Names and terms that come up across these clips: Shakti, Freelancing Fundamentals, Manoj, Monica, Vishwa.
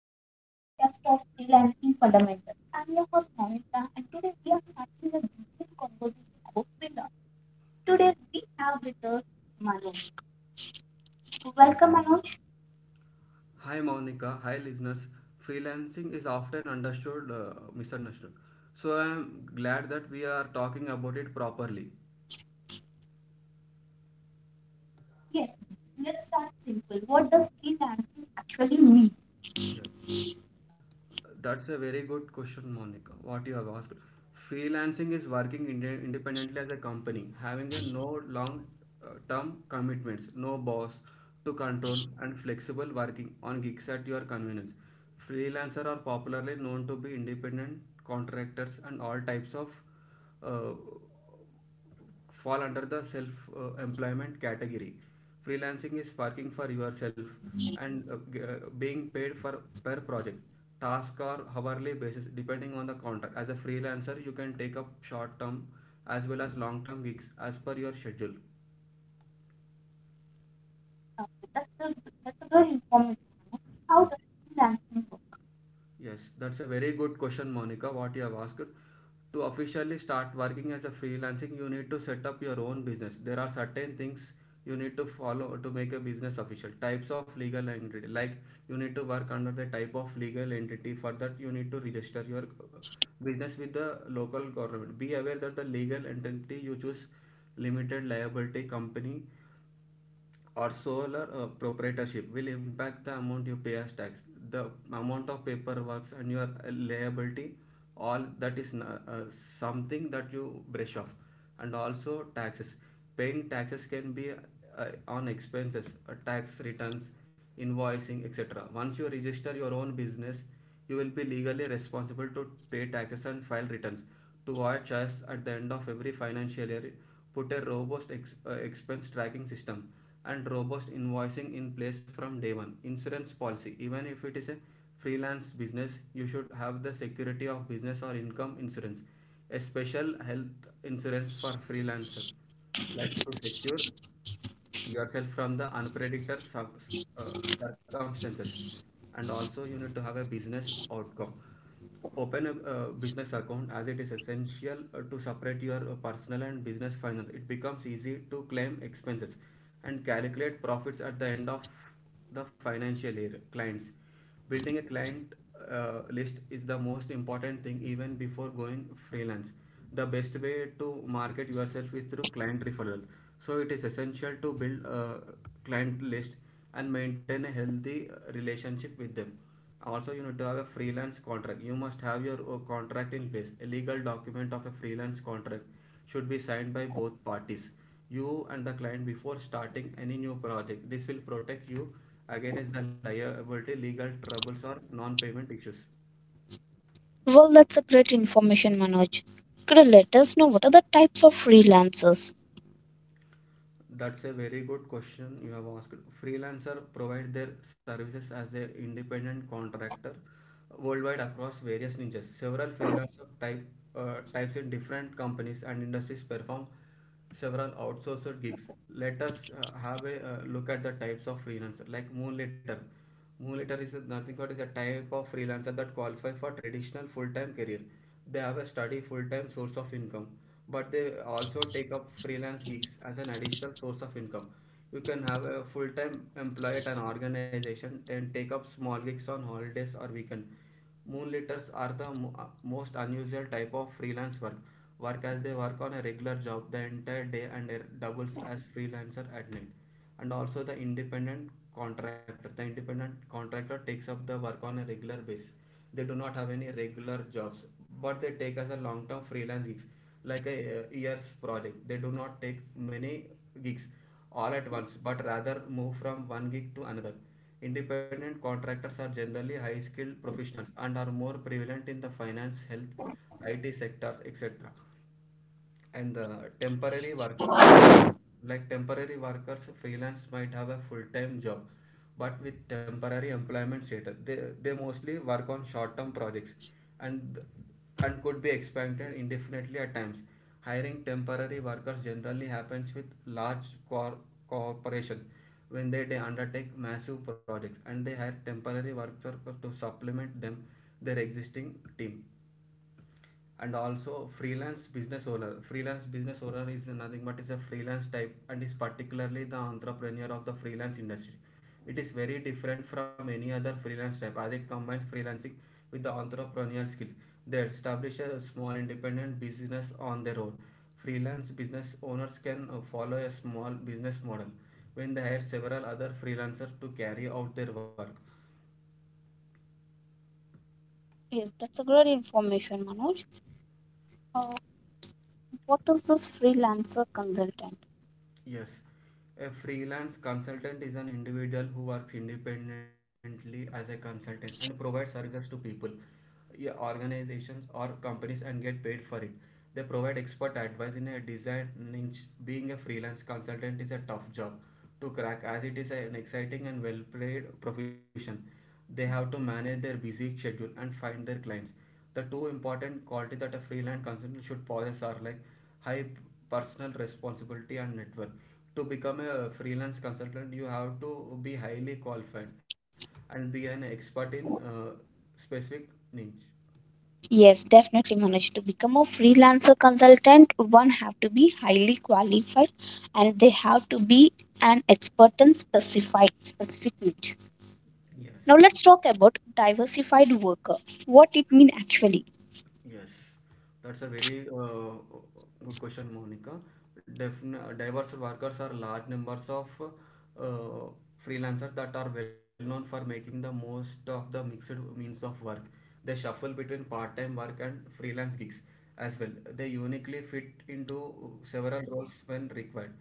welcome to the podcast of Freelancing Fundamentals. I'm your host Monica, and today we are starting a detailed conversation about freelance. Today we have with us Manoj. So, welcome Manoj. Hi Monica, hi listeners. Freelancing is often misunderstood. So I am glad that we are talking about it properly. Yes, let's start simple. What does freelancing actually mean? That's a very good question, Monica. What you have asked. Freelancing is working independently as a company, having a no long-term commitments, no boss to control, and flexible working on gigs at your convenience. Freelancers are popularly known to be independent contractors and all types of uh, fall under the self employment category. Freelancing is working for yourself and being paid for per project, task, or hourly basis depending on the contract. As a freelancer you can take up short term as well as long term gigs as per your schedule. Uh, That's a, that's a good information, Manoj. How does freelancing work? Yes, that's a very good question, Monica. What you have asked. To officially start working as a freelancing, you need to set up your own business. There are certain things you need to follow to make a business official. Types of legal entity, like you need to work under the type of legal entity. For that, you need to register your uh, business with the local government. Be aware that the legal entity you choose, limited liability company or solar proprietorship, will impact the amount you pay as tax, the amount of paperwork and your liability. All that is something that you brush off. And also taxes. Paying taxes can be on expenses, tax returns, invoicing, etc. Once you register your own business, you will be legally responsible to pay taxes and file returns to avoid charges at the end of every financial year. Put a robust expense tracking system and robust invoicing in place from day one. Insurance policy, even if it is a freelance business, you should have the security of business or income insurance, a special health insurance for freelancer, like to secure yourself from the unpredictable uh, circumstances. And also you need to have a business outcome. Open a business account, as it is essential to separate your personal and business finance. It becomes easy to claim expenses and calculate profits at the end of the financial year. Clients: building a client list is the most important thing even before going freelance. The best way to market yourself is through client referral, so it is essential to build a client list and maintain a healthy relationship with them. Also you need to have a freelance contract. You must have your contract in place. A legal document of a freelance contract should be signed by both parties, you and the client, before starting any new project. This will protect you against the liability, legal troubles, or non-payment issues. Well, that's a great information, Manoj. Could you let us know what are the types of freelancers? That's a very good question you have asked. Freelancer provide their services as an independent contractor worldwide across various niches. Several type, types in different companies and industries perform several outsourced gigs. Let us have a look at the types of freelancer, like Moonlighter. Moonlighter is nothing but is a type of freelancer that qualifies for traditional full-time career. They have a steady full-time source of income, but they also take up freelance gigs as an additional source of income. You can have a full-time employee at an organization, then take up small gigs on holidays or weekend. Moonlighters are the most unusual type of freelance work. Work as they work on a regular job the entire day and they doubles as freelancer at night. And also the independent contractor. The independent contractor takes up the work on a regular basis. They do not have any regular jobs, but they take as a long-term freelance gigs, like a year's project. They do not take many gigs all at once but rather move from one gig to another. Independent contractors are generally high skilled professionals and are more prevalent in the finance, health, IT sectors, etc. And the temporary workers, like temporary workers, freelance might have a full time job, but with temporary employment status, they mostly work on short term projects and could be expanded indefinitely at times. Hiring temporary workers generally happens with large corporations when they undertake massive projects and they hire temporary workers to supplement them their existing team. And also freelance business owner. Freelance business owner is nothing but is a freelance type and is particularly the entrepreneur of the freelance industry. It is very different from any other freelance type as it combines freelancing with the entrepreneurial skills. They establish a small independent business on their own. Freelance business owners can follow a small business model when they hire several other freelancers to carry out their work. Yes, that's a great information, Manoj. Uh, what is this freelancer consultant? Yes, a freelance consultant is an individual who works independently as a consultant and provides services to people, yeah, organizations, or companies and get paid for it. They provide expert advice in a desired niche. Being a freelance consultant is a tough job to crack as it is an exciting and well paid profession. They have to manage their busy schedule and find their clients. The two important qualities that a freelance consultant should possess are like high personal responsibility and network. To become a freelance consultant you have to be highly qualified and be an expert in specific niche. Yes, definitely manage to become a freelancer consultant. One have to be highly qualified and they have to be an expert in specified specific niche. Yes. Now let's talk about diversified worker. What it mean actually? Yes, that's a very good question, Monica. Defin Diverse workers are large numbers of uh, freelancers that are well known for making the most of the mixed means of work. They shuffle between part-time work and freelance gigs as well. They uniquely fit into several roles when required.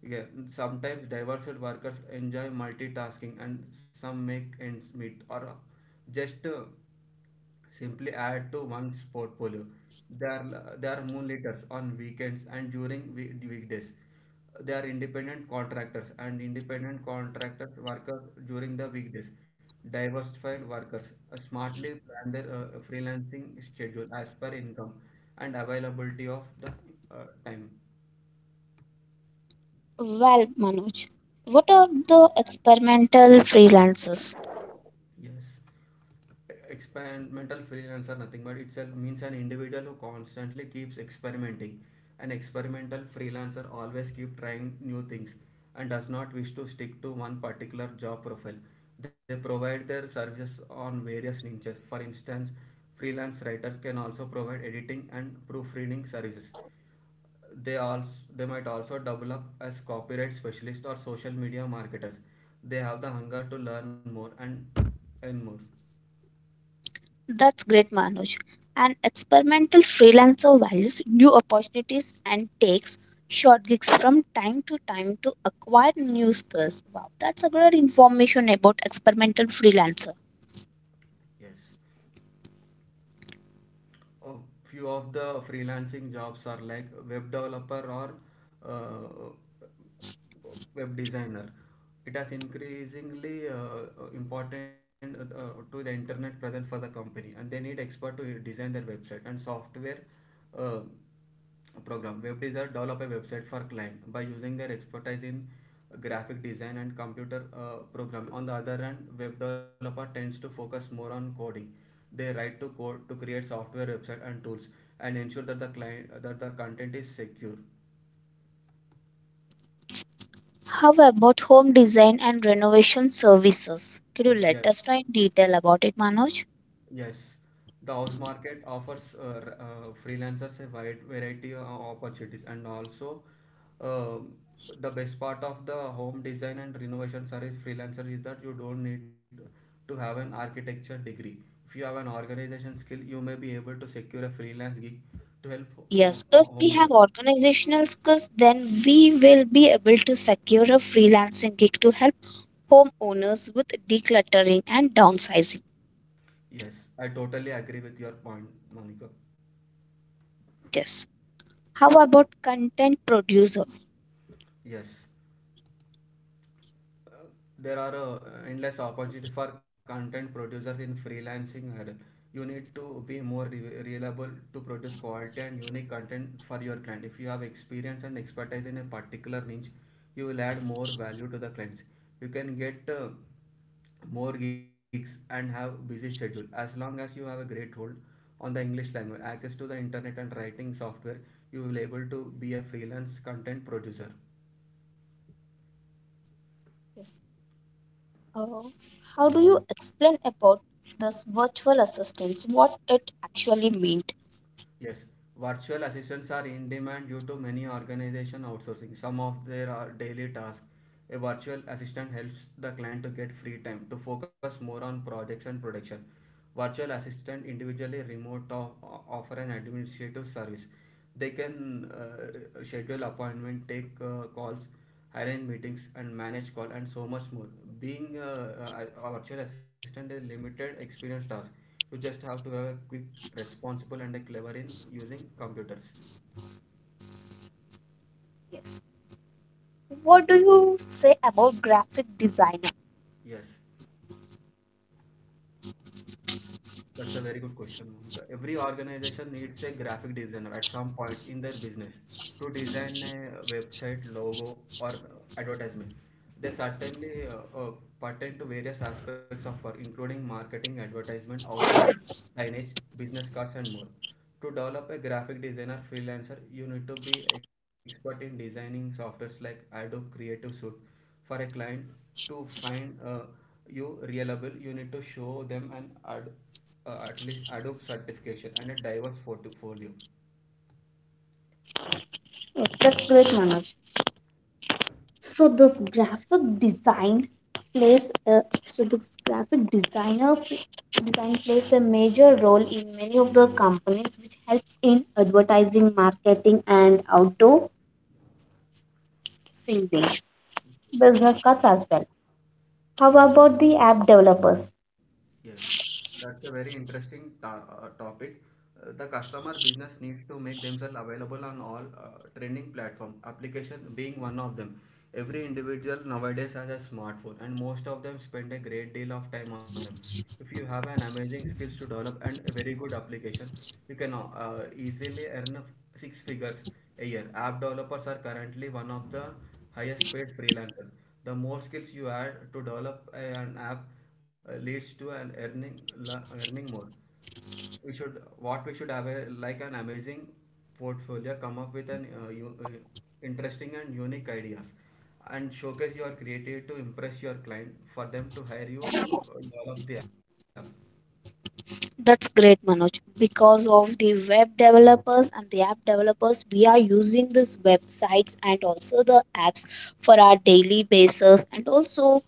Yeah, sometimes diverse workers enjoy multitasking and some make ends meet or just simply add to one's portfolio. They are moonlighters on weekends and during weekdays. They are independent contractors and independent contractors workers during the weekdays. Diversified workers smartly plan their freelancing schedule as per income and availability of the time. Well, Manoj, what are the experimental freelancers? Yes. Experimental freelance are nothing but itself means an individual who constantly keeps experimenting. An experimental freelancer always keep trying new things and does not wish to stick to one particular job profile. They provide their services on various niches. For instance, freelance writer can also provide editing and proofreading services. They also, they might also double up as copyright specialists or social media marketers. They have the hunger to learn more and earn more. That's great, Manoj. An experimental freelancer values new opportunities and takes short gigs from time to time to acquire new skills. Wow, that's a great information about experimental freelancer. Yes, a few of the freelancing jobs are like web developer or uh, web designer. It has increasingly important to the internet present for the company and they need expert to design their website and software uh, program. Web designer develop a website for client by using their expertise in graphic design and computer program. On the other hand, web developer tends to focus more on coding. They write to code to create software, website, and tools, and ensure that the client that the content is secure. How about home design and renovation services? Could you let Yes, us know in detail about it, Manoj? yes. The house market offers freelancers a wide variety of opportunities and also um, the best part of the home design and renovation service freelancer is that you don't need to have an architecture degree. If you have an organization skill, you may be able to secure a freelance gig to help Yes, if we have homeowners. organizational skills, then we will be able to secure a freelancing gig to help homeowners with decluttering and downsizing. Yes, I totally agree with your point, Monica. Yes. How about content producer? Yes. There are endless opportunity for content producers in freelancing era. You need to be more reliable to produce quality and unique content for your client. If you have experience and expertise in a particular niche, you will add more value to the clients. You can get more gigs and have busy schedule as long as you have a great hold on the English language, access to the internet and writing software. You will able to be a freelance content producer. Yes. Uh, how do you explain about this virtual assistants? What it actually meant? Yes, virtual assistants are in demand due to many organizations outsourcing some of their daily tasks. A virtual assistant helps the client to get free time to focus more on projects and production. Virtual assistant individually remote or offer an administrative service. They can schedule appointment, take calls, arrange meetings, and manage call and so much more. Being a virtual assistant is limited experience task. You just have to have a quick responsible and a clever in using computers. Yes. What do you say about graphic designer? Yes. That's a very good question. Every organization needs a graphic designer at some point in their business to design a website, logo, or advertisement. They certainly pertain to various aspects of work, including marketing, advertisement, outdoor signage, business cards, and more. To develop a graphic designer freelancer, you need to be expert in designing softwares like Adobe Creative Suite. For a client to find you reliable, you need to show them an ad at least Adobe certification and a diverse portfolio. Oh, that's great, Manoj. So this graphic design so this graphic designer design plays a major role in many of the companies, which helps in advertising, marketing, and outdoor singing, business cards as well. How about the app developers? Yes, that's a very interesting topic. The customer business needs to make themselves available on all trending platform, application being one of them. Every individual nowadays has a smartphone and most of them spend a great deal of time on them. If you have an amazing skills to develop and a very good application, you can easily earn six figures a year. App developers are currently one of the highest paid freelancers. The more skills you add to develop an app leads to an earning earning more. We should, what we should have a, like an amazing portfolio, come up with an interesting and unique ideas and showcase your creativity to impress your client for them to hire you develop the app. That's great, Manoj. Because of the web developers and the app developers, we are using these websites and also the apps for our daily basis. And also,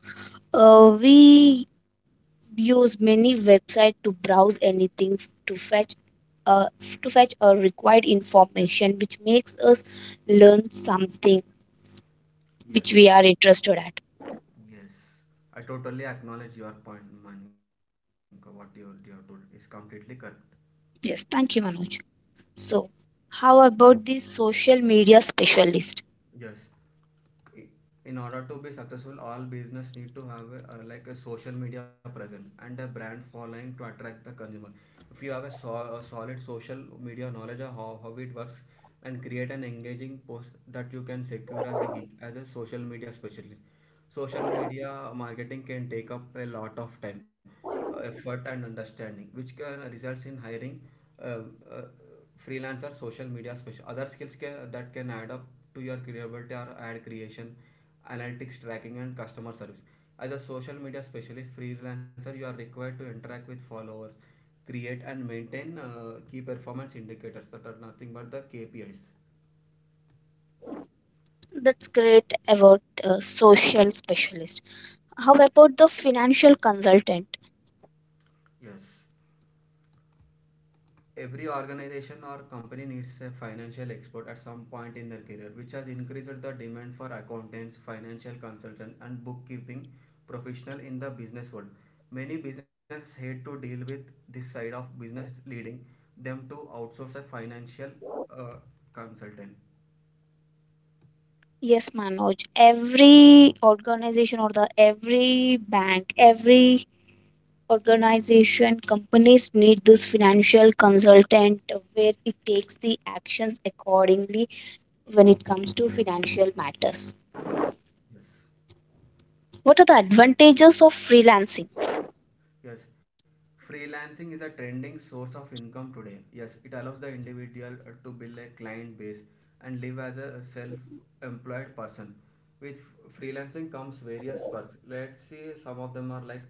we use many website to browse anything to fetch. Uh, to fetch a required information which makes us learn something which Yes, we are interested at. yes, I totally acknowledge your point, Manik. What you have told is completely correct. Yes, thank you Manoj. So how about the social media specialist? Yes, in order to be successful, all business need to have a, like a social media present and a brand following to attract the consumer. If you have a, a solid social media knowledge of how it works and create an engaging post, that you can secure as a gig as a social media specialist. Social media marketing can take up a lot of time, effort and understanding, which can results in hiring uh, uh, freelancer, social media special. Other skills that can add up to your credibility are ad creation, analytics tracking, and customer service. As a social media specialist freelancer, you are required to interact with followers, create and maintain key performance indicators that are nothing but the KPIs. That's great about a social specialist. How about the financial consultant? Yes. Every organization or company needs a financial expert at some point in their career, which has increased the demand for accountants, financial consultants, and bookkeeping professionals in the business world. Many businesses hate to deal with this side of business, leading them to outsource a financial uh, consultant. Yes, Manoj. Every organization or the every bank, every organization, companies need this financial consultant where it takes the actions accordingly when it comes to financial matters. Yes. What are the advantages of freelancing? Yes, freelancing is a trending source of income today. Yes, it allows the individual to build a client base and live as a self-employed person. With freelancing comes various perks. Let's see, some of them are like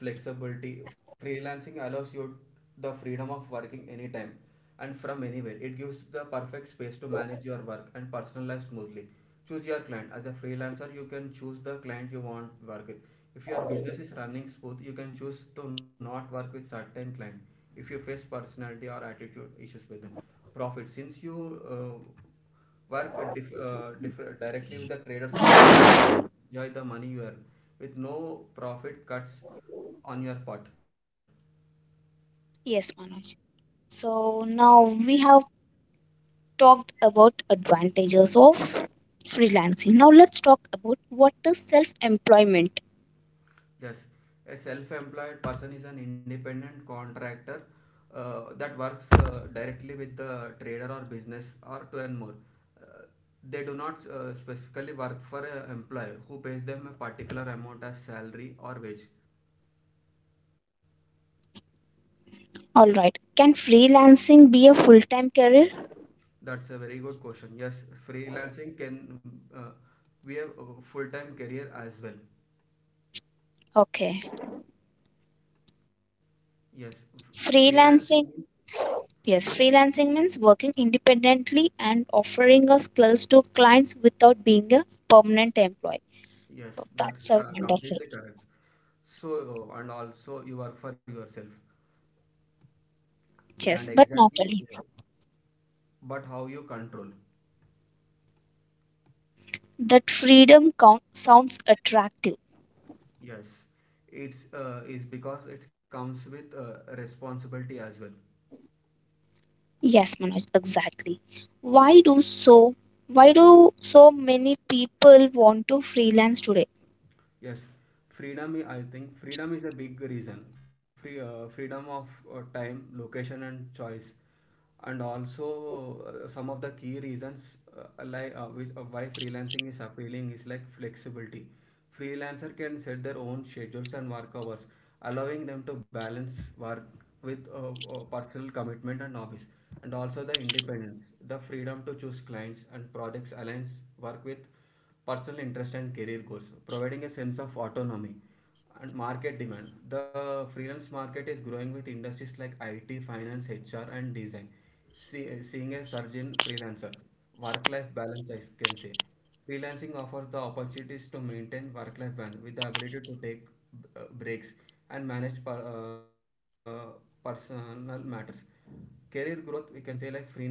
flexibility. Freelancing allows you the freedom of working anytime and from anywhere. It gives the perfect space to manage your work and personal life smoothly. Choose your client. As a freelancer, you can choose the client you want work with. If your business is running smooth, you can choose to not work with certain client if you face personality or attitude issues with them. Profit, since you uh, work directly with the traders or business, enjoy the money you earn with no profit cuts on your part. Yes, Manoj. So now we have talked about advantages of freelancing. Now let's talk about what is self-employment. Yes, a self-employed person is an independent contractor that works directly with the trader or business or to earn more. Uh, they do not specifically work for an employer who pays them a particular amount as salary or wage. All right. Can freelancing be a full-time career? That's a very good question. Yes, freelancing can be a full-time career as well. Okay. Yes, freelancing means. Freelancing. Yes, freelancing means working independently and offering your skills to clients without being a permanent employee. Yes, Oh, that's that's a completely wonderful. correct. So, and also you work for yourself. And Yes, but not exactly, only but how you control. that, freedom count sounds attractive. Yes, it's is because it comes with responsibility as well. Yes, Manoj, exactly. Why do so why do so many people want to freelance today? Yes, freedom. I think freedom is a big reason. Freedom of time, location, and choice, and also some of the key reasons like which, why freelancing is appealing is like flexibility. Freelancer can set their own schedules and work hours, allowing them to balance work with personal commitment and hobbies, and also the independence, the freedom to choose clients and projects aligns work with personal interest and career goals, providing a sense of autonomy and market demand. The freelance market is growing with industries like IT, finance, HR, and design. Seeing a surge in freelancer work-life balance, I can say. Freelancing offers the opportunities to maintain work-life balance with the ability to take breaks and manage personal matters. Career growth, we can say, like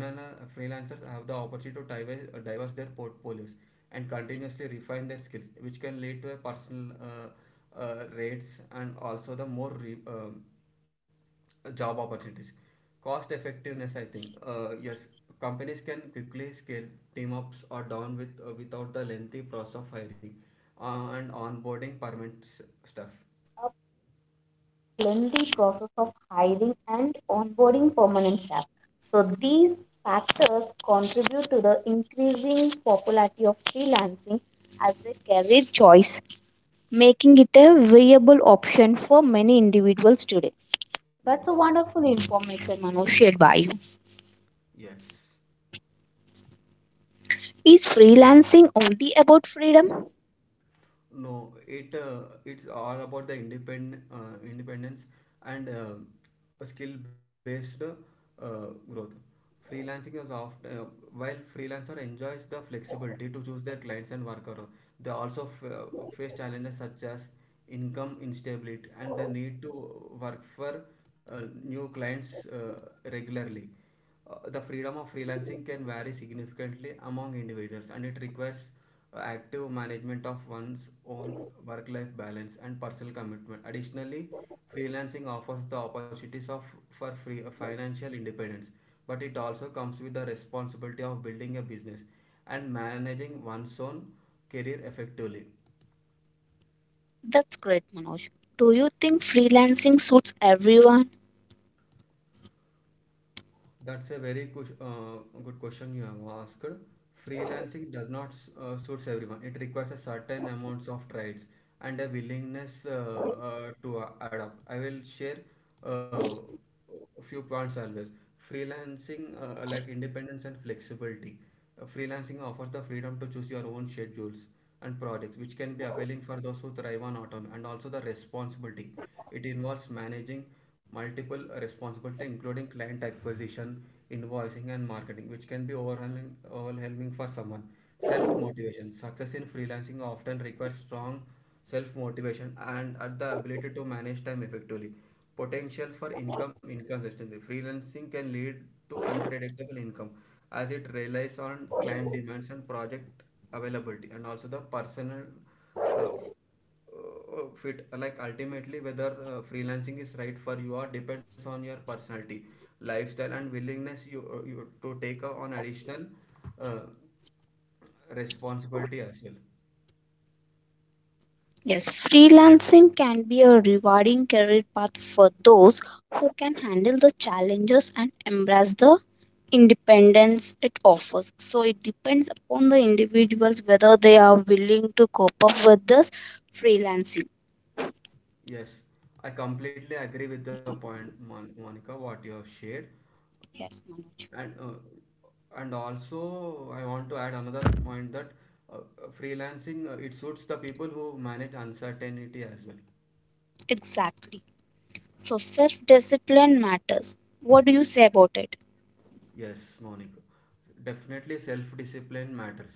freelancers have the opportunity to diverse their portfolios and continuously refine their skills, which can lead to a personal rates and also the more job opportunities. Cost effectiveness, I think, yes, companies can quickly scale team ups or down with without the lengthy process of hiring and onboarding Companies can permanent quickly stuff. scale teams up or down without the lengthy process of hiring and onboarding permanent staff. So these factors contribute to the increasing popularity of freelancing as a career choice, making it a viable option for many individuals today. Yes, That's a wonderful information, Manoj, shared by you. yes. Is freelancing only about freedom? No, it's all about the independent independence and um, skill based growth. Freelancing is often while freelancer enjoys the flexibility to choose their clients and worker, they also face challenges such as income instability and the need to work for new clients regularly. The freedom of freelancing can vary significantly among individuals and it requires active management of one's own work life balance and personal commitment. Additionally, freelancing offers the opportunities of for free financial independence, but it also comes with the responsibility of building a business and managing one's own career effectively. That's great, Manoj. Do you think freelancing suits everyone? That's a very good, good question you have asked. Freelancing does not suits everyone. It requires a certain amounts of traits and a willingness to adapt. I will share uh, a few points always. Freelancing like independence and flexibility. Freelancing offers the freedom to choose your own schedules and projects, which can be appealing for those who thrive on autonomy and also the responsibility. It involves managing multiple responsibilities, including client acquisition, invoicing and marketing, which can be overwhelming for someone. Self-motivation. Success in freelancing often requires strong self-motivation and at the ability to manage time effectively. Potential for income inconsistency. Freelancing can lead to unpredictable income as it relies on client demands and project availability and also the personal uh, fit, like ultimately whether freelancing is right for you or depends on your personality, lifestyle and willingness you to take on additional uh, responsibility as well. Yes, freelancing can be a rewarding career path for those who can handle the challenges and embrace the independence it offers. So it depends upon the individuals whether they are willing to cope up with this freelancing. Yes, I completely agree with the point Monica, what you have shared, Yes, Manoj. and uh, and also I want to add another point that freelancing, it suits the people who manage uncertainty as well. Exactly. So self discipline matters. What do you say about it? Yes, Monica. Definitely, self-discipline matters.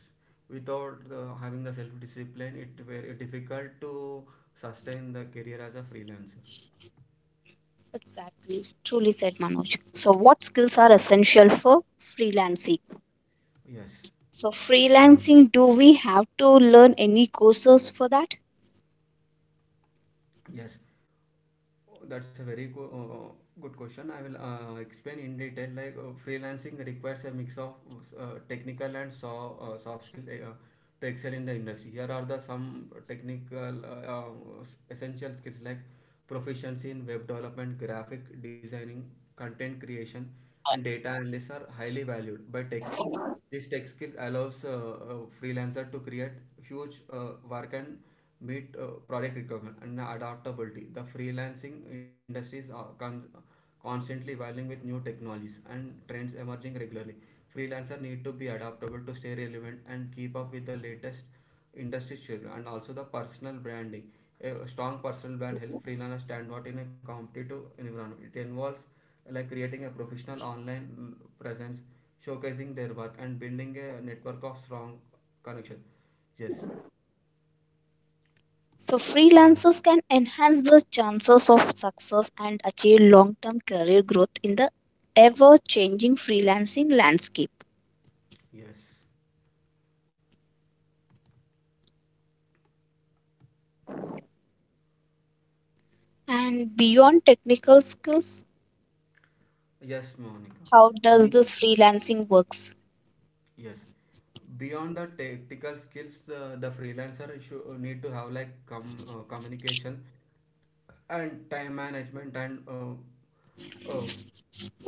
Without having the self-discipline, it very difficult to sustain the career as a freelancer. Exactly, truly said Manoj. So, what skills are essential for freelancing? Yes, So, freelancing, do we have to learn any courses for that? yes. Oh, that's a very good question. I will explain in detail. Like freelancing requires a mix of technical and soft skill to excel in the industry. Here are the some technical essential skills like proficiency in web development, graphic designing, content creation, and data analysis are highly valued by tech. This tech skill allows freelancer to create huge work and meet product requirement and adaptability. The freelancing industries are constantly evolving with new technologies and trends emerging regularly. Freelancer need to be adaptable to stay relevant and keep up with the latest industry schedule and also the personal branding. A strong personal brand helps freelancers stand out in a competitive environment. It involves like creating a professional online presence, showcasing their work and building a network of strong connection. Yes, So, freelancers can enhance the chances of success and achieve long term career growth in the ever changing freelancing landscape. yes, And beyond technical skills, yes, Monica. how does Be- this freelancing works? yes. Beyond the technical skills, the freelancer should need to have like communication and time management and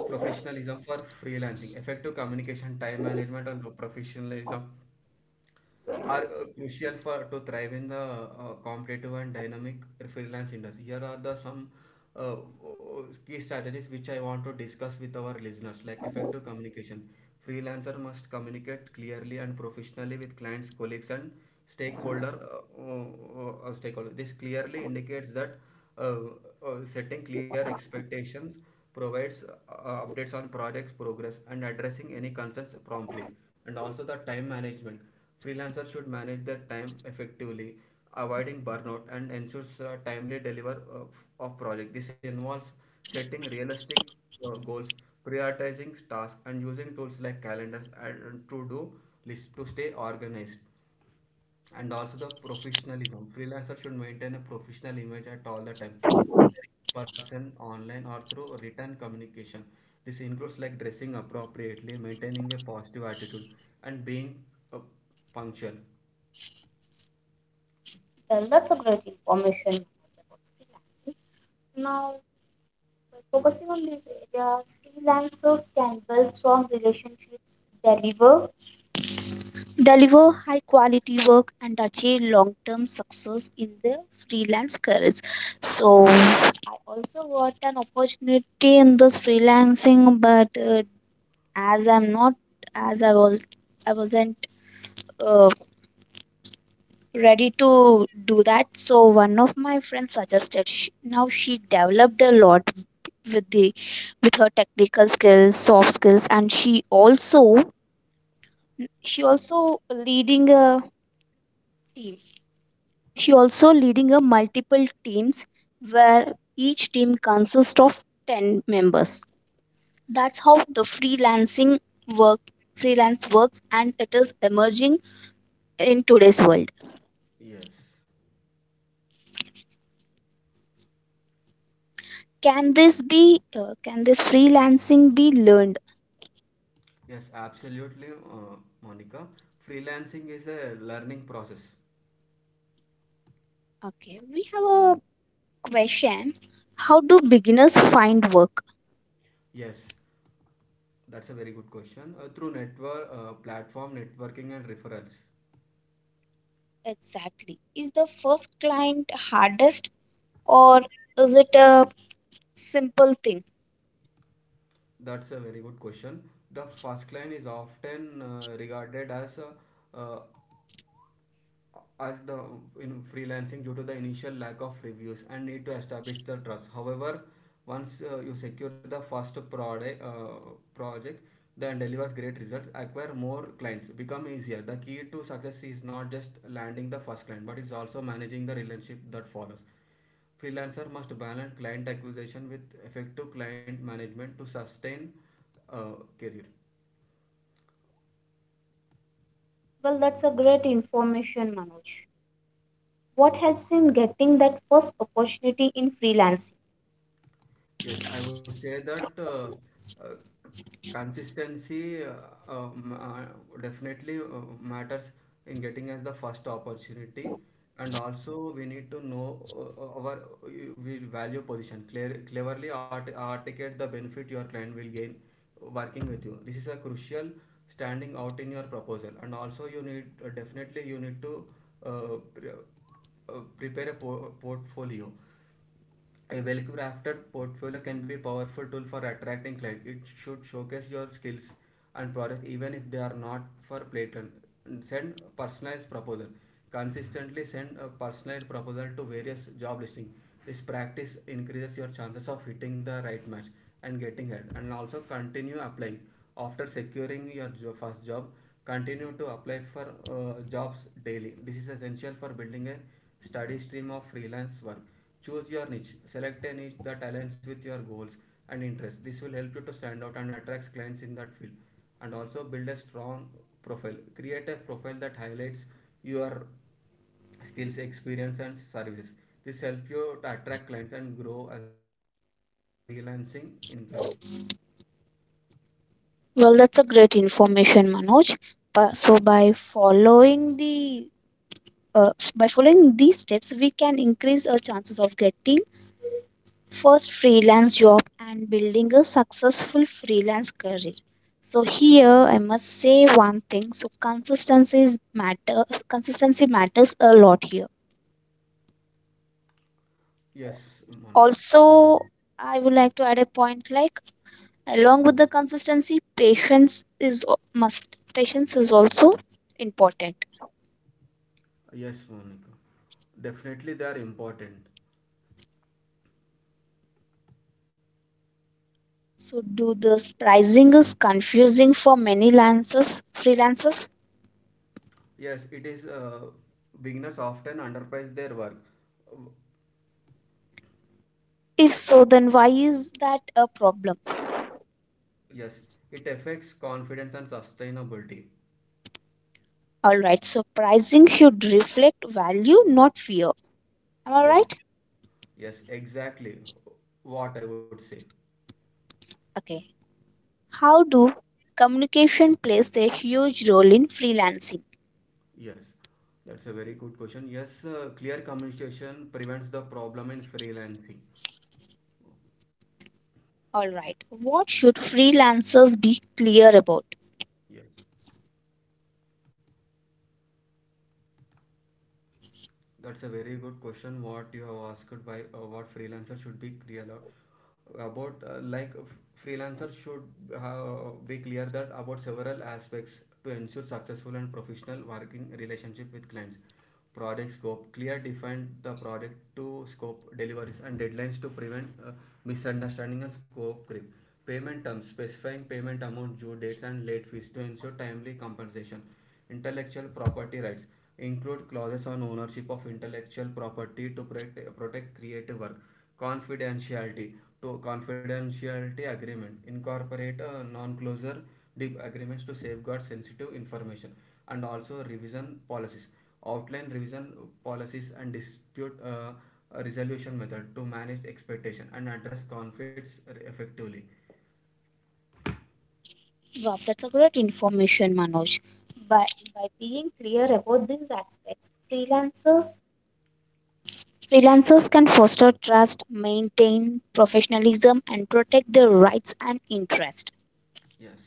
professionalism for freelancing. Effective communication, time management, and professionalism are crucial for to thrive in the competitive and dynamic freelance industry. Here are the some key strategies which I want to discuss with our listeners, like effective communication. Freelancer must communicate clearly and professionally with clients, colleagues, and stakeholder. Stakeholder. This clearly indicates that uh, setting clear expectations, provides updates on projects progress, and addressing any concerns promptly. And also the time management. Freelancers should manage their time effectively, avoiding burnout and ensures timely deliver of project. This involves setting realistic goals, prioritizing tasks, and using tools like calendars and to-do lists to stay organized, and also the professionalism. Freelancers should maintain a professional image at all the time, person online or through written communication. This includes like dressing appropriately, maintaining a positive attitude, and being uh, punctual. Well, that's a great information about freelancing. Now, by focusing on these areas, freelancers can build strong relationships, deliver deliver high quality work, and achieve long term success in their freelance careers. So I also got an opportunity in this freelancing, but as I'm not as I was I wasn't uh, ready to do that. So one of my friends suggested. She, now she developed a lot with the with her technical skills, soft skills, and she also leading a team. She also Yes, leading a multiple teams where each team consists of ten members. That's how the freelancing work Freelance works and it is emerging in today's world. yes. Can this be can this freelancing be learned? Yes, absolutely, Monica. Freelancing is a learning process. Okay, we have a question. How do beginners find work? Yes, that's a very good question. Through network, platform networking and referrals. Exactly. Is the first client hardest, or is it a simple thing? That's a very good question. The first client is often regarded as the in freelancing due to the initial lack of reviews and need to establish the trust. However, once you secure the first product project, then delivers great results, acquire more clients become easier. The key to success is not just landing the first client, but it's also managing the relationship that follows. Freelancer must balance client acquisition with effective client management to sustain uh, career. Well, that's a great information, Manoj. What helps in getting that first opportunity in freelancing? Yes, I would say that uh, consistency definitely matters in getting us the first opportunity, and also we need to know our we value position clear, cleverly articulate the benefit your client will gain working with you. This is a crucial standing out in your proposal, and also you need definitely you need to uh, pre- prepare a portfolio. A well-crafted portfolio can be a powerful tool for attracting clients. It should showcase your skills and product even if they are not for patent. Send personalized proposal. Consistently send a personalized proposal to various job listings. This practice increases your chances of hitting the right match and getting hired. And also continue applying. After securing your first job, continue to apply for jobs daily. This is essential for building a steady stream of freelance work. Choose your niche. Select a niche that aligns with your goals and interests. This will help you to stand out and attract clients in that field. And also build a strong profile. Create a profile that highlights your skills, experience, and services. This helps you to attract clients and grow as a freelancing income. Well, that's a great information, Manoj. Bu- So by following the by following these steps, we can increase our chances of getting first freelance job and building a successful freelance career. So here I must say one thing. So consistency matters a lot here. Yes, Monica. Also, I would like to add a point like, along with the consistency, patience is also important. Yes, Monica. Definitely, they are important. So do the pricing is confusing for many lances freelancers? Yes, it is. Beginners often underprice their work. If so, then why is that a problem? Yes, it affects confidence and sustainability. All right, so pricing should reflect value, not fear. Am I Yes, right? yes, exactly what I would say. Okay. How do communication plays a huge role in freelancing? Yes, that's a very good question. Yes, clear communication prevents the problem in freelancing. All right. What should freelancers be clear about? Yes, that's a very good question. What you have asked by what freelancer should be clear about like freelancer should be clear that about several aspects to ensure successful and professional working relationship with clients. Project scope clear define the project to scope deliveries and deadlines to prevent misunderstanding and scope creep. Payment terms specifying payment amount, due dates, and late fees to ensure timely compensation. Intellectual property rights include clauses on ownership of intellectual property to protect, creative work confidentiality to confidentiality agreement incorporate non-closure agreements to safeguard sensitive information. And also revision policies outline revision policies and dispute resolution method to manage expectation and address conflicts effectively. Wow, that's a great information, Manoj. By, by being clear about these aspects, freelancers can foster trust, maintain professionalism, and protect their rights and interests. Yes,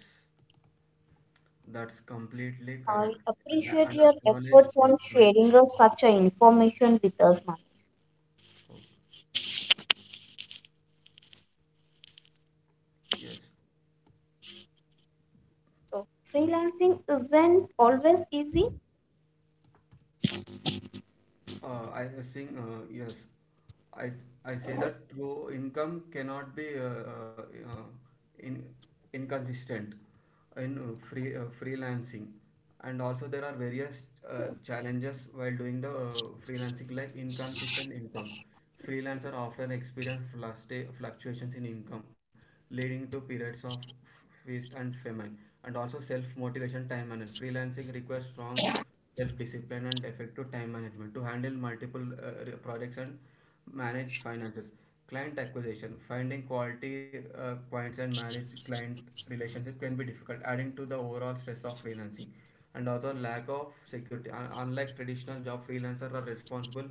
that's completely I correct. and, appreciate and your acknowledge efforts your on point, yes. sharing us such a information with us, Manu. Okay. Yes. So freelancing isn't always easy. I was saying, yes, I I say that your income cannot be uh, in inconsistent in freelancing, and also there are various challenges while doing the freelancing, like inconsistent income. Freelancers often experience fluctuations in income, leading to periods of feast and famine. And also self-motivation, time management. Freelancing requires strong self-discipline and effective time management to handle multiple projects and manage finances. Client acquisition, finding quality clients and manage client relationship can be difficult, adding to the overall stress of freelancing. And also lack of security. Unlike traditional job, freelancers are responsible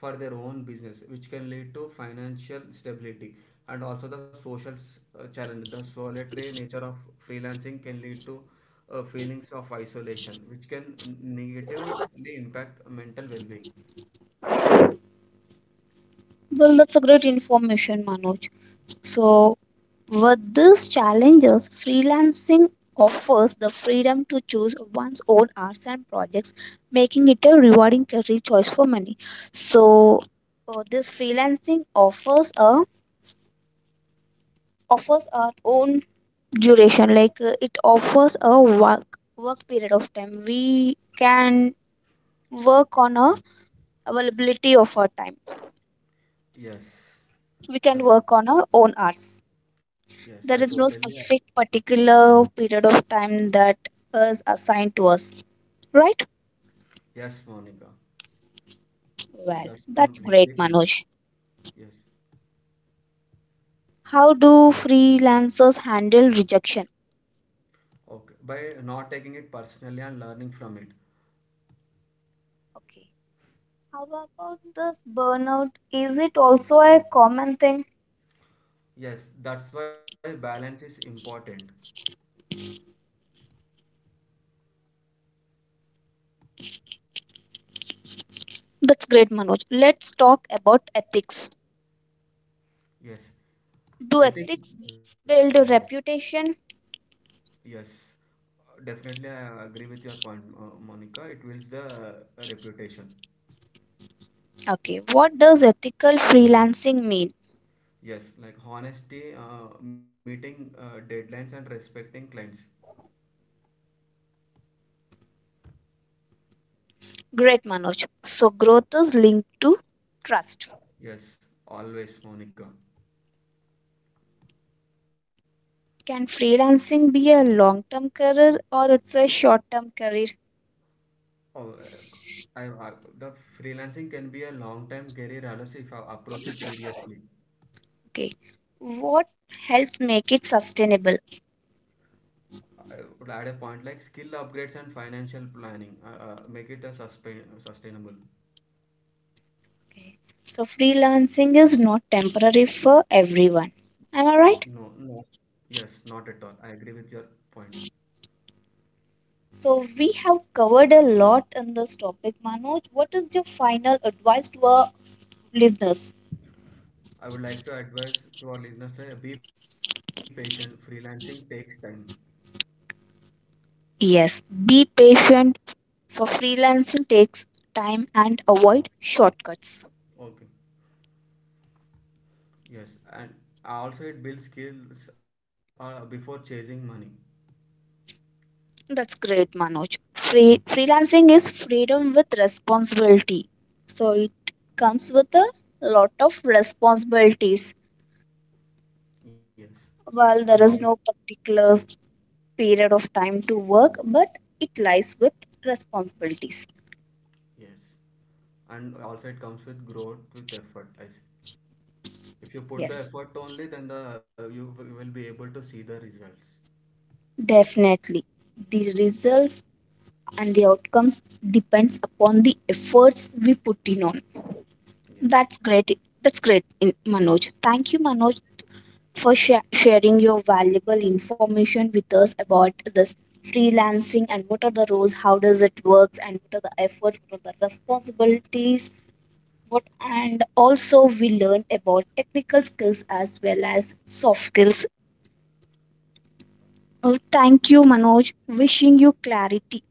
for their own business, which can lead to financial stability. And also the social challenge. The solitary nature of freelancing can lead to feelings of isolation, which can negatively impact mental well-being. Well, that's a great information, Manoj. So with these challenges, freelancing offers the freedom to choose one's own hours and projects, making it a rewarding career choice for many. So this freelancing offers a offers our own duration. Like, it offers a work period of time. We can work on a availability of our time. Yes, We can that's work on our own hours. yes, I There is totally. no specific particular period of time that is assigned to us, right? Yes, Monica. Well, That's that's great completely correct. Manoj. Yes. How do freelancers handle rejection? Okay, by not taking it personally and learning from it. Okay. How about this burnout? Is it also a common thing? Yes, that's why balance is important. That's great Manoj. Let's talk about ethics. Yes, Do I think. ethics build a reputation? Yes, definitely, I agree with your point, Monica. It builds the reputation. Okay, what does ethical freelancing mean? Yes, like honesty, meeting deadlines, and respecting clients. Great Manoj. So, growth is linked to trust. Yes, always, Monica. Can freelancing be a long term career, or it's a short term career? Oh, I, I, the freelancing can be a long-term career, unless if I approach it seriously. Okay, what helps make it sustainable? I would add a point like skill upgrades and financial planning. Make it a sustainable. Okay. So, freelancing is not temporary for everyone. Am No, I right? no. Yes, not at all. I agree with your point. So, we have covered a lot in this topic, Manoj. What is your final advice to our listeners? I would like to advise to our listeners to be patient. Freelancing takes time. Yes, be patient. So freelancing takes time and avoid shortcuts. Okay. Yes, and also it builds skills before chasing money. That's great, Manoj. Free freelancing is freedom with responsibility. So it comes with a lot of responsibilities. Yes, and While all, there is no particular period of time to work, but it lies with responsibilities. yes, and also it comes with growth with effort. Like, if you put the Yes, effort only, then the will be able to see the results. definitely. The results and the outcomes depends upon the efforts we put in on. Yes. That's great. Manoj, thank you, Manoj, for sharing your valuable information with us about this freelancing and what are the roles, how does it works, and what are the efforts, what are the responsibilities. What and also we learned about technical skills as well as soft skills. Thank you, Manoj. Wishing you clarity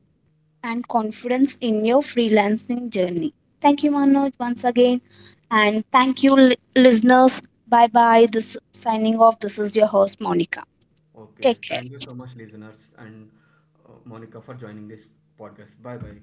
and confidence in your freelancing journey. Thank you, Manoj, once again. And thank you, listeners. Bye bye. This signing off. This is your host, Monica. Okay. Take Thank you care. so much, listeners, and Monica for joining this podcast. Bye bye.